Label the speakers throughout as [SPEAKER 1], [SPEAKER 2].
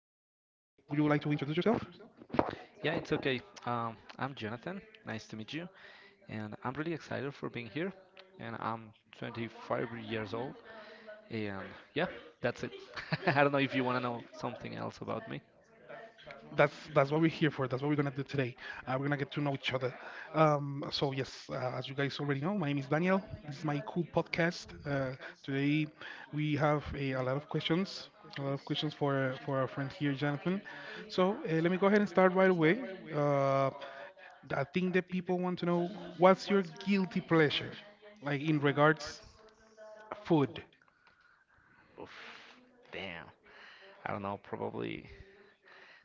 [SPEAKER 1] okay. I'm Jonathan. Nice to meet you. And I'm really excited for being here. And I'm 25 years old. And yeah, that's it. I don't know if you want to know something else about me.
[SPEAKER 2] That's what we're here for. That's what we're gonna do today. We're gonna get to know each other. So yes, as you guys already know, my name is Daniel. This is my cool podcast. Today we have a lot of questions, a lot of questions for our friend here, Jonathan. So let me go ahead and start right away. Uh, I think that people want to know what's your guilty pleasure, like in regards food.
[SPEAKER 1] Oof, damn. I don't know, probably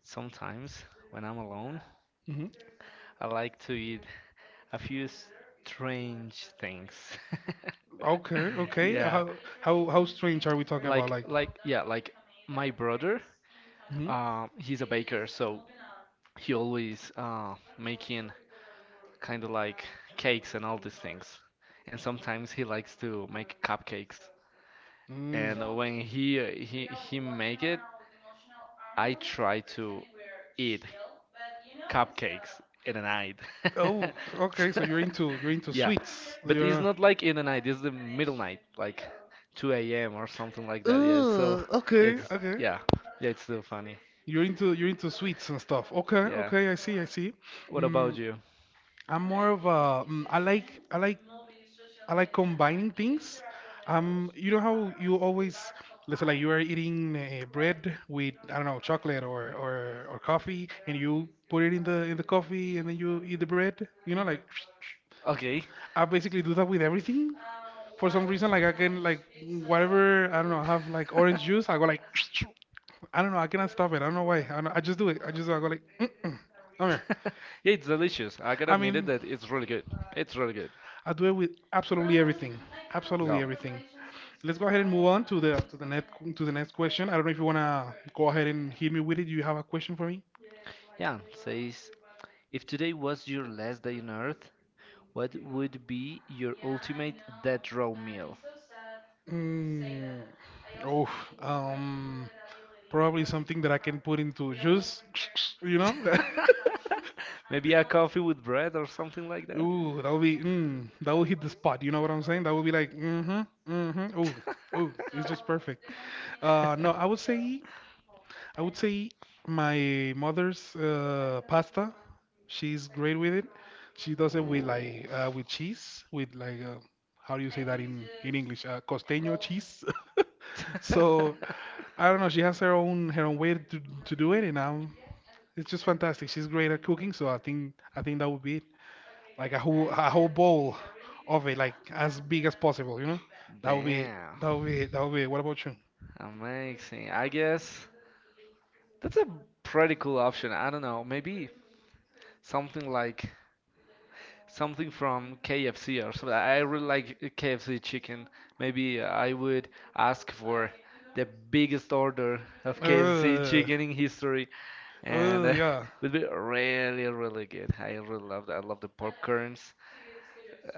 [SPEAKER 1] sometimes when I'm alone,
[SPEAKER 2] hmm
[SPEAKER 1] I like to eat a few strange things.
[SPEAKER 2] Okay, okay.
[SPEAKER 1] Yeah.
[SPEAKER 2] How strange are we talking about?
[SPEAKER 1] like
[SPEAKER 2] Like,
[SPEAKER 1] like yeah like my brother
[SPEAKER 2] hmm
[SPEAKER 1] he's a baker, so he always making kind of like cakes and all these things, and sometimes he likes to make cupcakes. And
[SPEAKER 2] mm.
[SPEAKER 1] when he make it, I try to eat cupcakes in a night.
[SPEAKER 2] Oh, okay. So you're into you're into
[SPEAKER 1] Yeah,
[SPEAKER 2] sweets.
[SPEAKER 1] but it's
[SPEAKER 2] You're
[SPEAKER 1] not like in the night. It's the middle night, like 2 a.m. or something like that. Yeah. So
[SPEAKER 2] oh,
[SPEAKER 1] yeah,
[SPEAKER 2] okay,
[SPEAKER 1] it's
[SPEAKER 2] okay.
[SPEAKER 1] yeah, yeah. It's still funny.
[SPEAKER 2] You're into sweets and stuff. Okay,
[SPEAKER 1] Yeah.
[SPEAKER 2] okay. I see, I see.
[SPEAKER 1] What about
[SPEAKER 2] Mm,
[SPEAKER 1] you?
[SPEAKER 2] I'm more of a mm, I like I like combining things. You know how you always, let's say, like you are eating bread with I don't know chocolate, or or coffee, and you put it in the coffee, and then you eat the bread. You know, like
[SPEAKER 1] Okay.
[SPEAKER 2] I basically do that with everything. For some reason, like I can like whatever I don't know, I have like orange juice. I go like I don't know, I cannot stop it. I don't know why. I don't, I just do it. I just do it. I go like, mm-mm, come here.
[SPEAKER 1] Yeah, it's delicious. I can
[SPEAKER 2] I
[SPEAKER 1] admit it
[SPEAKER 2] mean.
[SPEAKER 1] that it's really good. It's really good.
[SPEAKER 2] I do it with absolutely everything.
[SPEAKER 1] Yeah.
[SPEAKER 2] Absolutely everything. Let's go ahead and move on to the next question. I don't know if you wanna go ahead and hit me with it. Do you have a question for me?
[SPEAKER 1] Yeah, says if today was your last day on Earth, what would be your ultimate death row meal?
[SPEAKER 2] Mm, oh, um, probably something that I can put into juice. You know?
[SPEAKER 1] Maybe a coffee with bread or something like that.
[SPEAKER 2] Ooh, that will be mm, that will hit the spot. You know what I'm saying? That will be like mm-hmm, mm-hmm. Ooh, ooh, it's just perfect. No, I would say I would say my mother's pasta. She's great with it. She does it with like
[SPEAKER 1] Oof.
[SPEAKER 2] with cheese, with like how do you say that in English? Costeño cheese. So I don't know. She has her own way to do it, and it's just fantastic. She's great at cooking, so I think that would be it. Like a whole bowl of it, like as big as possible. You know, that would be it.
[SPEAKER 1] Damn.
[SPEAKER 2] That would be it. That would be it. What about you?
[SPEAKER 1] Amazing. I guess that's a pretty cool option. I don't know, maybe something like something from KFC or something. I really like KFC chicken. Maybe I would ask for the biggest order of KFC
[SPEAKER 2] Uh,
[SPEAKER 1] chicken in history, and it
[SPEAKER 2] yeah.
[SPEAKER 1] would be really, really good. I really love that. I love the popcorns.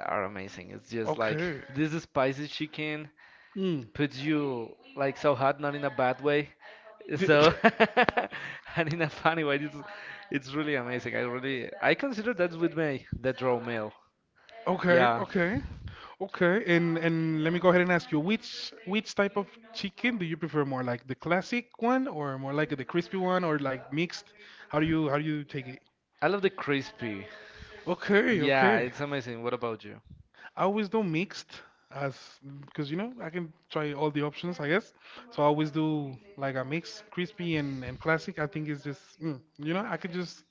[SPEAKER 1] Are amazing. It's just like
[SPEAKER 2] Okay.
[SPEAKER 1] this is spicy chicken,
[SPEAKER 2] Hmm.
[SPEAKER 1] puts you like so hot, not in a bad way.
[SPEAKER 2] D-
[SPEAKER 1] So and in a funny way, it's really amazing. I really I consider that's with me the draw meal.
[SPEAKER 2] Okay,
[SPEAKER 1] Yeah,
[SPEAKER 2] okay, okay. And let me go ahead and ask you, which type of chicken do you prefer more, like the classic one or more like the crispy one or like mixed? How do you take it?
[SPEAKER 1] I love the crispy.
[SPEAKER 2] Okay,
[SPEAKER 1] Yeah,
[SPEAKER 2] okay.
[SPEAKER 1] it's amazing. What about you?
[SPEAKER 2] I always do mixed as because you know I can try all the options, I guess. So I always do like a mix, crispy and classic. I think it's just mm, you know I could just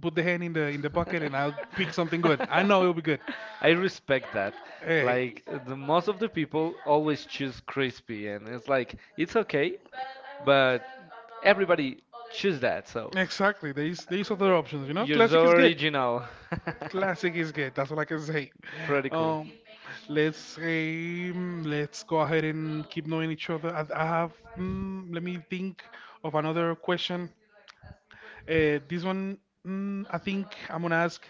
[SPEAKER 2] put the hand in the bucket and I'll pick something good. I know it'll be good.
[SPEAKER 1] I respect that.
[SPEAKER 2] Hey.
[SPEAKER 1] Like the most of the people always choose crispy, and it's like it's okay, but everybody choose that. So
[SPEAKER 2] Exactly. There's other options. You know,
[SPEAKER 1] you're
[SPEAKER 2] classic
[SPEAKER 1] so
[SPEAKER 2] is good.
[SPEAKER 1] original.
[SPEAKER 2] Classic is good. That's all I can say.
[SPEAKER 1] Pretty cool.
[SPEAKER 2] Um, let's say mm, let's go ahead and keep knowing each other. I have. Mm, let me think of another question. This one, mm, I think I'm gonna ask,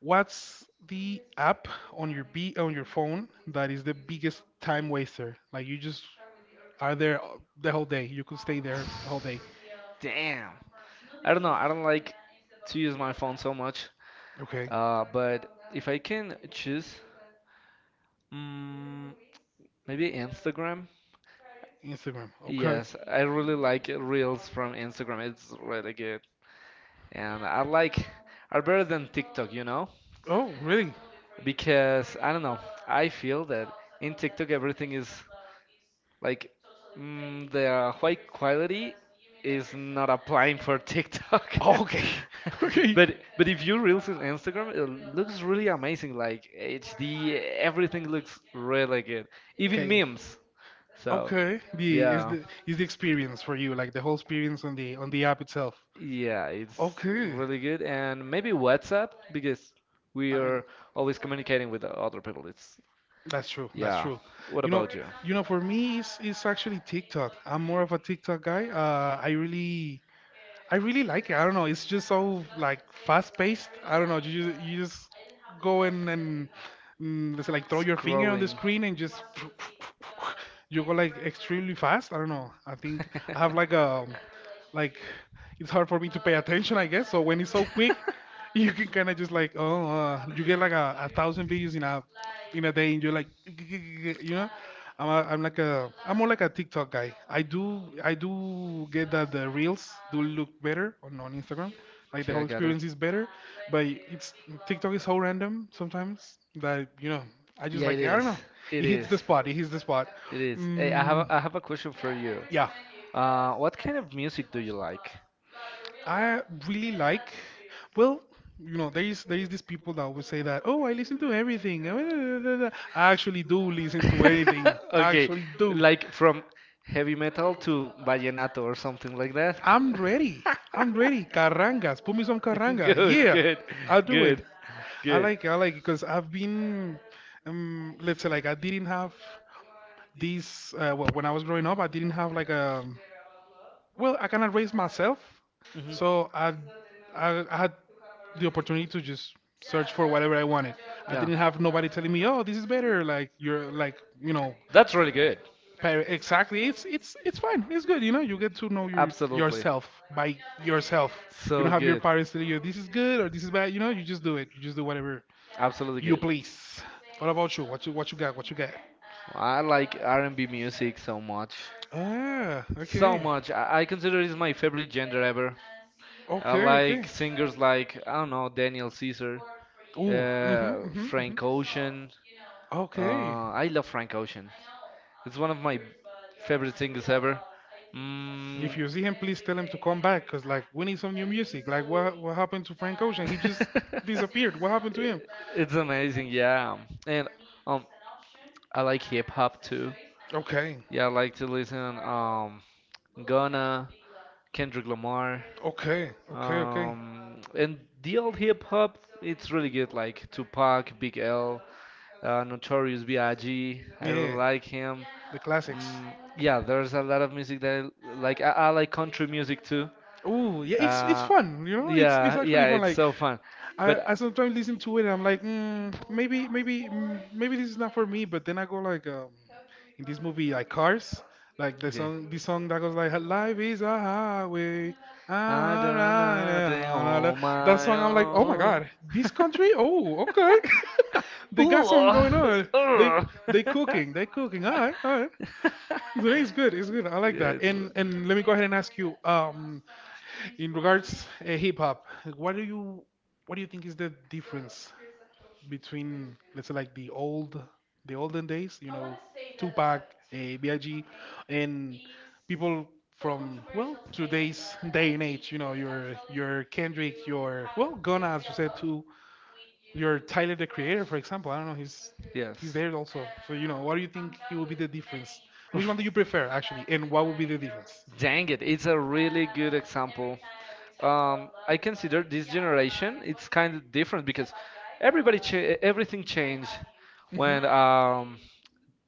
[SPEAKER 2] what's the app on your phone that is the biggest time waster? Like you just are there the whole day. You could stay there the whole day.
[SPEAKER 1] Damn. I don't know. I don't like to use my phone so much.
[SPEAKER 2] Okay.
[SPEAKER 1] But if I can choose, mm, maybe Instagram.
[SPEAKER 2] Instagram. Okay.
[SPEAKER 1] Yes, I really like reels from Instagram. It's really good, and I like are better than TikTok. You know?
[SPEAKER 2] Oh, really?
[SPEAKER 1] Because I don't know. I feel that in TikTok everything is like the high quality is not applying for TikTok.
[SPEAKER 2] Oh, okay. Okay.
[SPEAKER 1] But if you reels in Instagram, it looks really amazing. Like HD, everything looks really good. Even
[SPEAKER 2] Okay.
[SPEAKER 1] memes. So
[SPEAKER 2] Okay. The is
[SPEAKER 1] yeah.
[SPEAKER 2] the is the experience for you, like the whole experience on the app itself.
[SPEAKER 1] Yeah, it's
[SPEAKER 2] Okay.
[SPEAKER 1] really good. And maybe WhatsApp because we
[SPEAKER 2] I mean,
[SPEAKER 1] are always communicating with the other people. It's
[SPEAKER 2] that's true. That's
[SPEAKER 1] yeah.
[SPEAKER 2] true.
[SPEAKER 1] What
[SPEAKER 2] You know,
[SPEAKER 1] about you?
[SPEAKER 2] you know, for me, it's actually TikTok. I'm more of a TikTok guy. I really. I really like it. I don't know. It's just so like fast paced. I don't know. You just go and mm, let's say like throw your finger on the
[SPEAKER 1] Scrolling.
[SPEAKER 2] screen and just you go like extremely fast. I don't know. I think I have like a like it's hard for me to pay attention, I guess. So when it's so quick, you can kind of just like oh you get like a thousand videos in a day and you're like you know I'm like a I'm more like a TikTok guy. I do get that the reels do look better on Instagram. Like the
[SPEAKER 1] Okay, I
[SPEAKER 2] whole
[SPEAKER 1] got it.
[SPEAKER 2] experience is better, but it's TikTok is so random sometimes that you know I just
[SPEAKER 1] Yeah, it
[SPEAKER 2] like I don't
[SPEAKER 1] is.
[SPEAKER 2] know.
[SPEAKER 1] It
[SPEAKER 2] It hits
[SPEAKER 1] is.
[SPEAKER 2] the spot. It hits the spot.
[SPEAKER 1] It is. Hey,
[SPEAKER 2] Mm,
[SPEAKER 1] I have a question for you.
[SPEAKER 2] yeah.
[SPEAKER 1] What kind of music do you like?
[SPEAKER 2] I really like, well, you know, there is these people that always say that, oh, I listen to everything. Da, da, da, da." I actually do listen to anything. I
[SPEAKER 1] Okay,
[SPEAKER 2] actually do.
[SPEAKER 1] like from heavy metal to vallenato or something like that.
[SPEAKER 2] I'm ready. I'm ready. Carrangas. Put me some carranga.
[SPEAKER 1] Good,
[SPEAKER 2] Yeah,
[SPEAKER 1] good,
[SPEAKER 2] I'll do it.
[SPEAKER 1] good,
[SPEAKER 2] I
[SPEAKER 1] good.
[SPEAKER 2] like it. I like it because I've been, let's say, like, I didn't have these. Well, when I was growing up, I didn't have like a. Well, I cannot raise myself,
[SPEAKER 1] Hmm.
[SPEAKER 2] so I, I had the opportunity to just search for whatever I wanted. I
[SPEAKER 1] Yeah,
[SPEAKER 2] didn't have nobody telling me, "Oh, this is better." Like you're like you know,
[SPEAKER 1] that's really good.
[SPEAKER 2] pa- exactly. It's fine. It's good. You know, you get to know
[SPEAKER 1] Absolutely,
[SPEAKER 2] yourself by yourself. You
[SPEAKER 1] so
[SPEAKER 2] don't have your
[SPEAKER 1] good.
[SPEAKER 2] parents telling you this is good or this is bad. You know, you just do it. You just do whatever
[SPEAKER 1] Absolutely
[SPEAKER 2] you
[SPEAKER 1] good.
[SPEAKER 2] please. What about you? What you what you got? What you got?
[SPEAKER 1] Well, I like R&B music so much.
[SPEAKER 2] Ah,
[SPEAKER 1] So
[SPEAKER 2] okay.
[SPEAKER 1] much. I consider it's my favorite genre ever. I
[SPEAKER 2] Okay, okay.
[SPEAKER 1] like singers like I don't know Daniel Caesar,
[SPEAKER 2] Ooh, mhm, mhm, mhm.
[SPEAKER 1] Frank Ocean.
[SPEAKER 2] Okay.
[SPEAKER 1] I love Frank Ocean. It's one of my favorite singers ever.
[SPEAKER 2] If
[SPEAKER 1] Mm.
[SPEAKER 2] you see him, please tell him to come back, cause like we need some new music. Like what happened to Frank Ocean? He just disappeared. What happened to him?
[SPEAKER 1] It's amazing, yeah. And um, I like hip hop too.
[SPEAKER 2] Okay,
[SPEAKER 1] Yeah, I like to listen Gunna, Kendrick Lamar.
[SPEAKER 2] okay, okay, okay.
[SPEAKER 1] Um, and the old hip hop, it's really good like Tupac, Big L, Notorious B.I.G. I G. I really
[SPEAKER 2] Yeah,
[SPEAKER 1] like him.
[SPEAKER 2] the classics.
[SPEAKER 1] Yeah, there's a lot of music that I like. I like country music too.
[SPEAKER 2] Oh yeah, it's
[SPEAKER 1] Uh,
[SPEAKER 2] fun, you know. It's
[SPEAKER 1] yeah,
[SPEAKER 2] actually
[SPEAKER 1] yeah,
[SPEAKER 2] fun.
[SPEAKER 1] it's
[SPEAKER 2] Like
[SPEAKER 1] so fun. But
[SPEAKER 2] I sometimes listen to it and I'm like, mm, maybe maybe mm, maybe this is not for me. But then I go like, in this movie like Cars, like the
[SPEAKER 1] okay.
[SPEAKER 2] song the song that goes like, life is a highway.
[SPEAKER 1] I
[SPEAKER 2] I'm
[SPEAKER 1] done nothing
[SPEAKER 2] riding on
[SPEAKER 1] on
[SPEAKER 2] that
[SPEAKER 1] my
[SPEAKER 2] song, I'm like, oh my
[SPEAKER 1] own.
[SPEAKER 2] God, this country? Oh, okay. They got something going
[SPEAKER 1] Ooh,
[SPEAKER 2] on. They
[SPEAKER 1] ugh.
[SPEAKER 2] they cooking, they cooking. All right, all right. So it's good, it's good. I like
[SPEAKER 1] Yeah,
[SPEAKER 2] that.
[SPEAKER 1] it's
[SPEAKER 2] And let me go ahead and ask you. In regards hip hop, what do you what do you think is the difference between let's say like the olden days, you know, Tupac, B.I.G., and people from well today's day and age, you know, your Kendrick, your well Gunna, as you said too, your Tyler the Creator, for example. I don't know, he's
[SPEAKER 1] yes.
[SPEAKER 2] there also. So you know, what do you think it will be the difference? Which
[SPEAKER 1] Oof.
[SPEAKER 2] one do you prefer actually, and what would be the difference?
[SPEAKER 1] Dang it, it's a really good example. I consider this generation, it's kind of different because everybody everything changed
[SPEAKER 2] hmm
[SPEAKER 1] when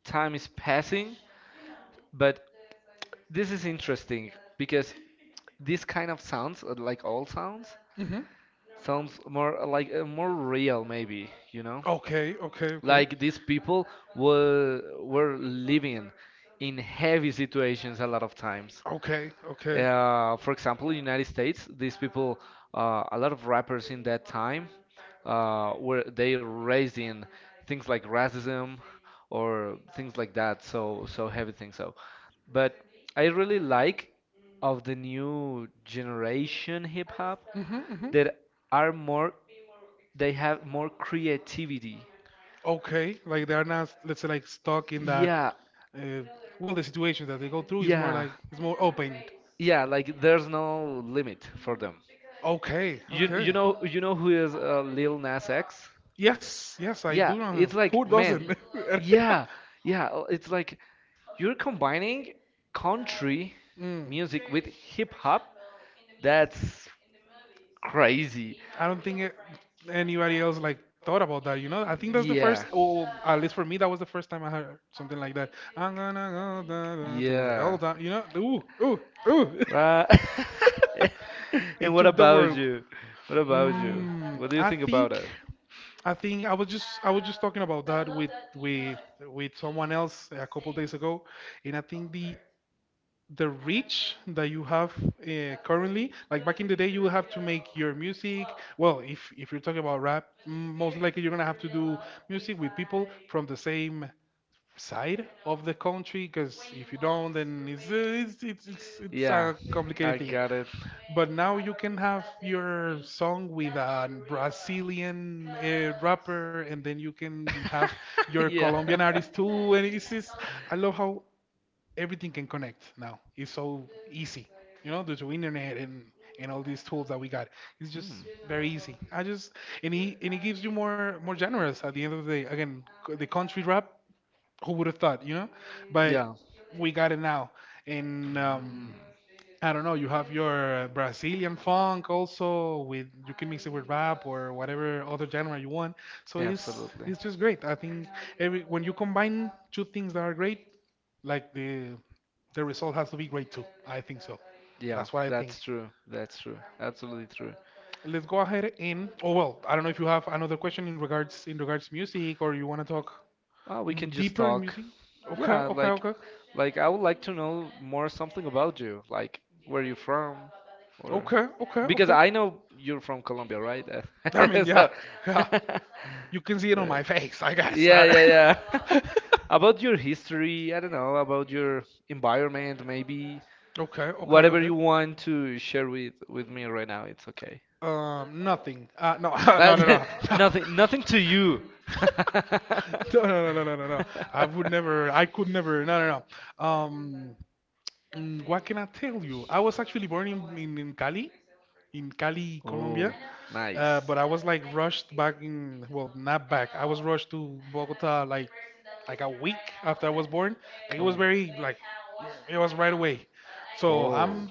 [SPEAKER 1] time is passing, but this is interesting because this kind of sounds, like all sounds,
[SPEAKER 2] hmm
[SPEAKER 1] sounds more more real, maybe, you know?
[SPEAKER 2] Okay, okay, okay.
[SPEAKER 1] Like these people were living in heavy situations a lot of times.
[SPEAKER 2] Okay, okay.
[SPEAKER 1] For example, United States, these people, a lot of rappers in that time, were they raised in things like racism or things like that. So so heavy things. So but I really like of the new generation hip hop
[SPEAKER 2] Mhm, mhm.
[SPEAKER 1] that are more they have more creativity.
[SPEAKER 2] Okay, like they're not, let's say, like stuck in that.
[SPEAKER 1] Yeah,
[SPEAKER 2] Uh, well, the situation that they go through is more
[SPEAKER 1] yeah,
[SPEAKER 2] like it's more open.
[SPEAKER 1] yeah, like there's no limit for them.
[SPEAKER 2] Okay,
[SPEAKER 1] You
[SPEAKER 2] okay.
[SPEAKER 1] you know who is Lil Nas X?
[SPEAKER 2] Yes, yes, I do
[SPEAKER 1] Yeah,
[SPEAKER 2] know him.
[SPEAKER 1] it's
[SPEAKER 2] Who
[SPEAKER 1] like man,
[SPEAKER 2] doesn't?
[SPEAKER 1] yeah, yeah. It's like you're combining country
[SPEAKER 2] Mm.
[SPEAKER 1] music with hip hop. That's crazy.
[SPEAKER 2] I don't think it, anybody else like thought about that. You know, I think that's the
[SPEAKER 1] Yeah,
[SPEAKER 2] first, or at least for me, that was the first time I heard something like that. I'm gonna go da, da, to
[SPEAKER 1] yeah.
[SPEAKER 2] hell, da, you know, ooh, ooh, ooh.
[SPEAKER 1] Right. And
[SPEAKER 2] It
[SPEAKER 1] what
[SPEAKER 2] took the
[SPEAKER 1] about
[SPEAKER 2] world.
[SPEAKER 1] you? What about you?
[SPEAKER 2] Mm,
[SPEAKER 1] What do you
[SPEAKER 2] I
[SPEAKER 1] think about
[SPEAKER 2] think,
[SPEAKER 1] it?
[SPEAKER 2] I was just talking about that with with someone else a couple days ago, and I think the reach that you have currently like back in the day you would have to make your music well if you're talking about rap m- most likely you're gonna have to do music with people from the same side of the country because if you don't then it's
[SPEAKER 1] Yeah,
[SPEAKER 2] a complicated
[SPEAKER 1] I
[SPEAKER 2] thing
[SPEAKER 1] got it.
[SPEAKER 2] but now you can have your song with a brazilian rapper and then you can have your
[SPEAKER 1] Yeah.
[SPEAKER 2] colombian artist too and it's just I love how everything can connect now. It's so easy, you know, due to internet and all these tools that we got. It's
[SPEAKER 1] Mm.
[SPEAKER 2] just very easy. I just and he and it gives you more genres at the end of the day. Again, c- the country rap. Who would have thought, you know? But
[SPEAKER 1] Yeah.
[SPEAKER 2] we got it now. And
[SPEAKER 1] Mm.
[SPEAKER 2] I don't know. You have your Brazilian funk also with you can mix it with rap or whatever other genre you want. So it's
[SPEAKER 1] Absolutely.
[SPEAKER 2] it's just great. I think every when you combine two things that are great, like the result has to be great too. I think so.
[SPEAKER 1] Yeah,
[SPEAKER 2] That's what I think.
[SPEAKER 1] that's true. That's true. Absolutely true.
[SPEAKER 2] Let's go ahead and oh well, I don't know if you have another question in regards music or you want to talk
[SPEAKER 1] Oh, we can just
[SPEAKER 2] deeper in
[SPEAKER 1] talk.
[SPEAKER 2] music. Okay,
[SPEAKER 1] Yeah,
[SPEAKER 2] okay, okay,
[SPEAKER 1] like I would like to know more something about you. Like, where you from, or
[SPEAKER 2] okay, okay,
[SPEAKER 1] because
[SPEAKER 2] okay.
[SPEAKER 1] I know you're from Colombia, right?
[SPEAKER 2] I mean, yeah,
[SPEAKER 1] So,
[SPEAKER 2] yeah. You can see it on my
[SPEAKER 1] but-
[SPEAKER 2] face, I guess.
[SPEAKER 1] yeah,
[SPEAKER 2] okay,
[SPEAKER 1] yeah, yeah. About your history, I don't know, about your environment, maybe
[SPEAKER 2] okay,
[SPEAKER 1] whatever
[SPEAKER 2] okay.
[SPEAKER 1] you want to share with me right now, it's okay.
[SPEAKER 2] Nothing. No, no, no,
[SPEAKER 1] But
[SPEAKER 2] no.
[SPEAKER 1] nothing, nothing to you.
[SPEAKER 2] no, no, no, no, no, no. No. I would never, I could never, no, no, no. What can I tell you? I was actually born in, in, Cali, in Cali,
[SPEAKER 1] Oh,
[SPEAKER 2] Colombia,
[SPEAKER 1] nice.
[SPEAKER 2] but I was like rushed back in, well, not back. I was rushed to Bogota like a week after I was born. Like it was
[SPEAKER 1] Oh.
[SPEAKER 2] very, it was right away. So
[SPEAKER 1] Oh.
[SPEAKER 2] I'm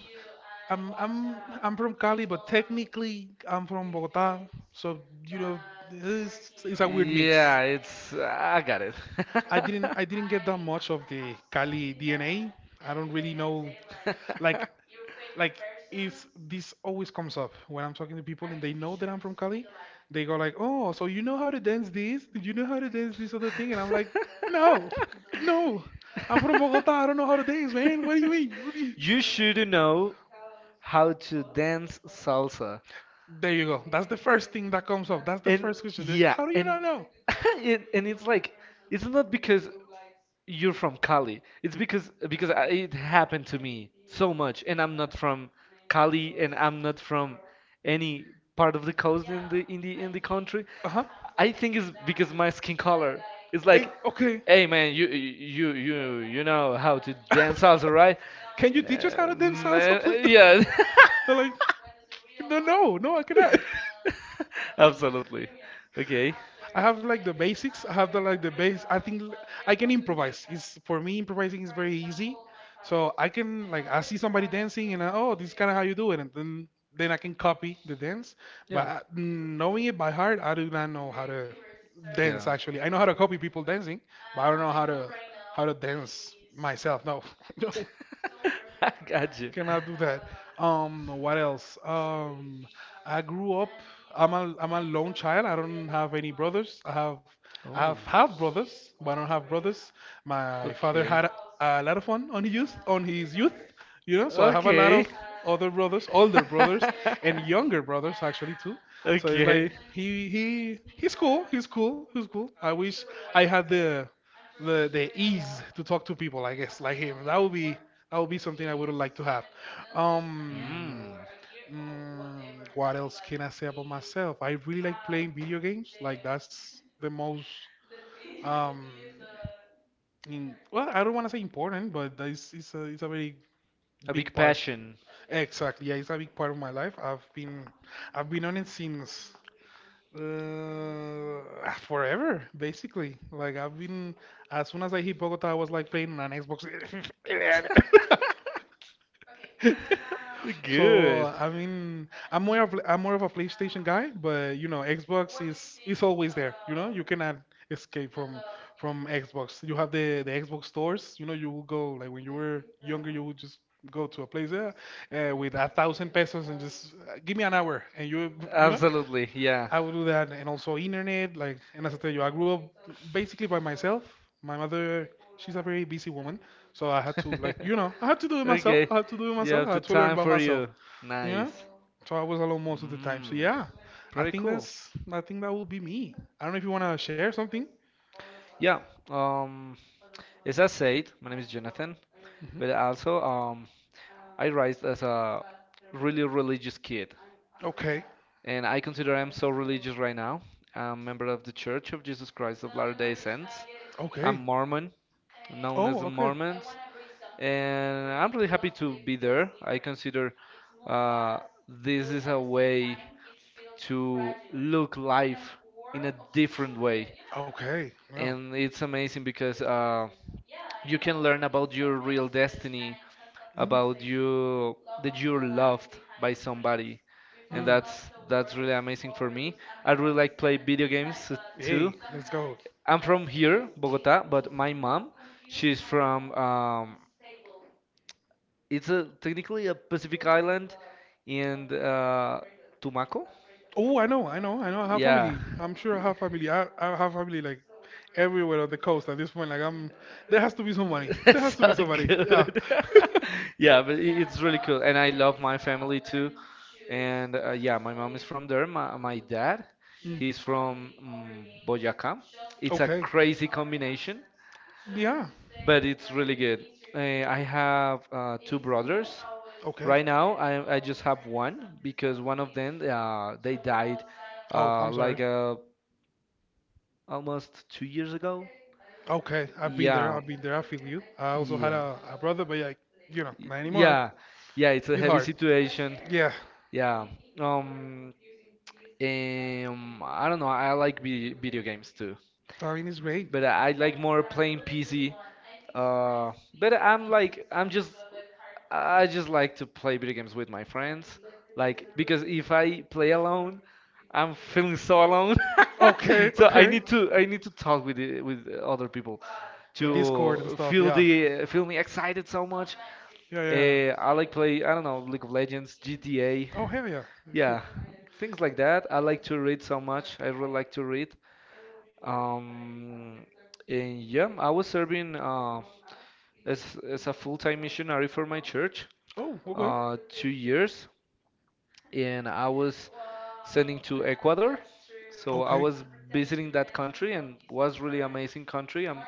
[SPEAKER 2] I'm I'm I'm from Cali, but technically I'm from Bogota. So you know, it's a weird mix.
[SPEAKER 1] Yeah, it's. I got it.
[SPEAKER 2] I didn't I didn't get that much of the Cali DNA. I don't really know like like if this always comes up when I'm talking to people and they know that I'm from Cali, they go like, "Oh, so you know how to dance this? You know how to dance this other thing?" And I'm like, "No, no, I'm from Bogota. I don't know how to dance, man. What do you mean?
[SPEAKER 1] You should know how to dance salsa.
[SPEAKER 2] There you go. That's the first thing that comes up. That's the
[SPEAKER 1] And
[SPEAKER 2] first question. They're like,
[SPEAKER 1] yeah,
[SPEAKER 2] how do you
[SPEAKER 1] and
[SPEAKER 2] not know?
[SPEAKER 1] and it's like it's not because you're from Cali. It's because I, it happened to me so much, and I'm not from Cali, and I'm not from any part of the coast in the country.
[SPEAKER 2] Uh huh.
[SPEAKER 1] I think it's because my skin color. It's like,
[SPEAKER 2] Okay.
[SPEAKER 1] hey man, you know how to dance salsa, right?
[SPEAKER 2] Can you teach us how to dance salsa, please?
[SPEAKER 1] Man, yeah,
[SPEAKER 2] They're like, no, no, no, I cannot.
[SPEAKER 1] absolutely. Okay.
[SPEAKER 2] I have like the basics. I have the like the base. I can improvise. It's for me improvising is very easy. So I can like I see somebody dancing and I, oh this is kind of how you do it and then I can copy the dance. But
[SPEAKER 1] Yeah.
[SPEAKER 2] knowing it by heart, I do not know how to dance
[SPEAKER 1] Yeah.
[SPEAKER 2] actually. I know how to copy people dancing, but I don't know how to dance myself. No, no. Cannot do that. What else? I grew up. I'm a lone child. I don't have any brothers. I have
[SPEAKER 1] Oh,
[SPEAKER 2] half brothers, but I don't have brothers. My father
[SPEAKER 1] okay.
[SPEAKER 2] had a lot of fun on his youth on his youth. You know. So I have a lot of other brothers, older brothers, and younger brothers actually too. So it's like he he's cool. He's cool. He's cool. I wish I had the ease to talk to people. I guess like him. That would be something I would like to have. Um,
[SPEAKER 1] Mm,
[SPEAKER 2] mm, what else can I say about myself? I really like playing video games. Like that's the most um, in, well, I don't want to say important, but that is, it's a very
[SPEAKER 1] a
[SPEAKER 2] big
[SPEAKER 1] big
[SPEAKER 2] part.
[SPEAKER 1] passion.
[SPEAKER 2] Exactly, yeah, it's a big part of my life. I've been on it since uh, forever, basically. Like I've been as soon as I hit Bogota, I was like playing on an Xbox. So I mean, I'm more of a PlayStation guy, but you know, Xbox is always there. You know, you cannot escape from Xbox. You have the Xbox stores. You know, you would go like when you were younger, you would just go to a place there with a thousand pesos and just give me an hour, and you know.
[SPEAKER 1] Absolutely, yeah.
[SPEAKER 2] I would do that, and also internet. Like, and as I tell you, I grew up basically by myself. My mother, she's a very busy woman, so I had to, like, you know,
[SPEAKER 1] Okay,
[SPEAKER 2] I had to do it
[SPEAKER 1] you
[SPEAKER 2] myself.
[SPEAKER 1] have
[SPEAKER 2] I
[SPEAKER 1] the
[SPEAKER 2] had to learn
[SPEAKER 1] time
[SPEAKER 2] by
[SPEAKER 1] for
[SPEAKER 2] myself.
[SPEAKER 1] you.
[SPEAKER 2] You know,
[SPEAKER 1] Nice.
[SPEAKER 2] so I was alone most of the time. So
[SPEAKER 1] Mm,
[SPEAKER 2] yeah,
[SPEAKER 1] pretty cool.
[SPEAKER 2] I think that will be me. I don't know if you wanna share something.
[SPEAKER 1] Yeah. Um, as I said, my name is Jonathan,
[SPEAKER 2] Hmm.
[SPEAKER 1] but also I raised as a really religious kid.
[SPEAKER 2] Okay.
[SPEAKER 1] And I consider I'm so religious right now. I'm a member of the Church of Jesus Christ of Latter-day Saints. I'm
[SPEAKER 2] Okay.
[SPEAKER 1] Mormon, known as
[SPEAKER 2] Oh,
[SPEAKER 1] the
[SPEAKER 2] okay.
[SPEAKER 1] Mormons, and I'm really happy to be there. I consider uh, this is a way to look life in a different way,
[SPEAKER 2] Okay. Yeah.
[SPEAKER 1] and it's amazing because you can learn about your real destiny,
[SPEAKER 2] Mhm.
[SPEAKER 1] about you that you're loved by somebody, and that's really amazing for me. I really like play video games too.
[SPEAKER 2] Hey, let's go.
[SPEAKER 1] I'm from here, Bogota, but my mom, she's from it's a technically a Pacific island and Tumaco.
[SPEAKER 2] Oh, I know, I know, I know. I have
[SPEAKER 1] Yeah.
[SPEAKER 2] family. I'm sure I have family. I have family like everywhere on the coast at this point. There has to be somebody. There has to be
[SPEAKER 1] So
[SPEAKER 2] somebody. Yeah.
[SPEAKER 1] good. Yeah, but it's really cool. And I love my family too. And yeah, my mom is from there. My dad,
[SPEAKER 2] Mm.
[SPEAKER 1] he's from Boyacá. It's a
[SPEAKER 2] Okay.
[SPEAKER 1] crazy combination,
[SPEAKER 2] Yeah.
[SPEAKER 1] but it's really good. I have two brothers.
[SPEAKER 2] Okay.
[SPEAKER 1] Right now, I just have one because one of them they died
[SPEAKER 2] Oh,
[SPEAKER 1] uh,
[SPEAKER 2] I'm sorry.
[SPEAKER 1] like uh, almost 2 years ago.
[SPEAKER 2] Okay, I've been there.
[SPEAKER 1] Yeah,
[SPEAKER 2] I've been there. I feel you. I also had
[SPEAKER 1] yeah,
[SPEAKER 2] a brother, but like, you know, not anymore.
[SPEAKER 1] yeah, yeah. It's a
[SPEAKER 2] It's
[SPEAKER 1] heavy
[SPEAKER 2] hard.
[SPEAKER 1] situation.
[SPEAKER 2] Yeah,
[SPEAKER 1] Yeah. Um. I don't know. I like video games too,
[SPEAKER 2] timing is great.
[SPEAKER 1] but I like more playing PC. Uh. But I'm like I'm just I just like to play video games with my friends. Like because if I play alone, I'm feeling so alone.
[SPEAKER 2] Okay,
[SPEAKER 1] So
[SPEAKER 2] okay.
[SPEAKER 1] I need to talk with with other people
[SPEAKER 2] The Discord and
[SPEAKER 1] to
[SPEAKER 2] stuff.
[SPEAKER 1] feel
[SPEAKER 2] Yeah.
[SPEAKER 1] the feel me excited so much.
[SPEAKER 2] Yeah, yeah, yeah.
[SPEAKER 1] I like play I don't know League of Legends, GTA,
[SPEAKER 2] Oh hell yeah. He-
[SPEAKER 1] yeah, things like that. I like to read so much. I really like to read. Um, and yeah, I was serving as a full-time missionary for my church
[SPEAKER 2] Oh, okay.
[SPEAKER 1] 2 years. And I was sending to Ecuador. So I
[SPEAKER 2] Okay.
[SPEAKER 1] was visiting that country and was really amazing country.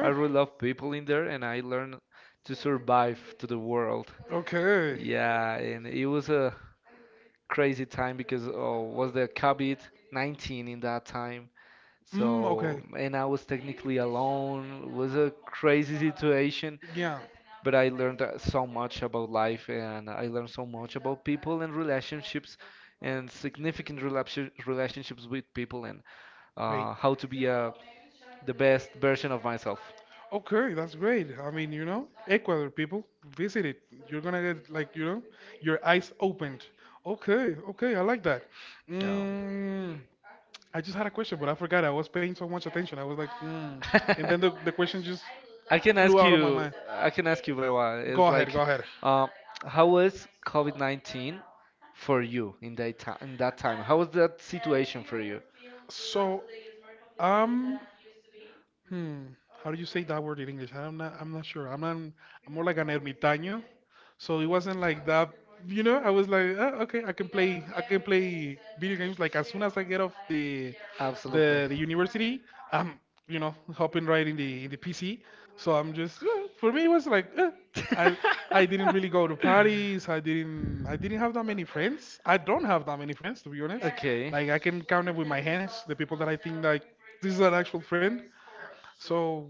[SPEAKER 1] I really love people in there and I learned to survive to the world.
[SPEAKER 2] Okay. Okay.
[SPEAKER 1] Yeah, and it was a crazy time because oh, was the COVID-19 in that time.
[SPEAKER 2] Mm, okay.
[SPEAKER 1] So, and I was technically alone. It was a crazy situation,
[SPEAKER 2] Yeah.
[SPEAKER 1] but I learned so much about life and I learned so much about people and relationships and significant relationships with people and
[SPEAKER 2] Great.
[SPEAKER 1] how to be the best version of myself.
[SPEAKER 2] Okay, that's great. I mean, you know, Ecuador people, visit it. You're gonna get like, you know, your eyes opened. Okay, okay, I like that.
[SPEAKER 1] Um,
[SPEAKER 2] Mm, I just had a question, but I forgot. I was paying so much attention. I was like, mm. And then the question just
[SPEAKER 1] I can
[SPEAKER 2] flew
[SPEAKER 1] ask
[SPEAKER 2] out of my
[SPEAKER 1] you.
[SPEAKER 2] mind.
[SPEAKER 1] I can ask you, Bewa.
[SPEAKER 2] Go
[SPEAKER 1] It's like,
[SPEAKER 2] ahead, go ahead.
[SPEAKER 1] um, how was COVID 19 for you in that time? In that time, how was that situation for you?
[SPEAKER 2] So um how do you say that word in English? I'm not sure. I'm not I'm more like an ermitaño. So it wasn't like that, you know, I was like, oh, okay, I can play video games like as soon as I get off the
[SPEAKER 1] Absolutely.
[SPEAKER 2] the the university, I'm you know, hopping right in the PC. So I'm just eh, for me it was like eh. I I didn't really go to parties. I didn't have that many friends. I don't have that many friends to be honest.
[SPEAKER 1] Okay.
[SPEAKER 2] Like I can count it with my hands the people that I think like this is an actual friend. So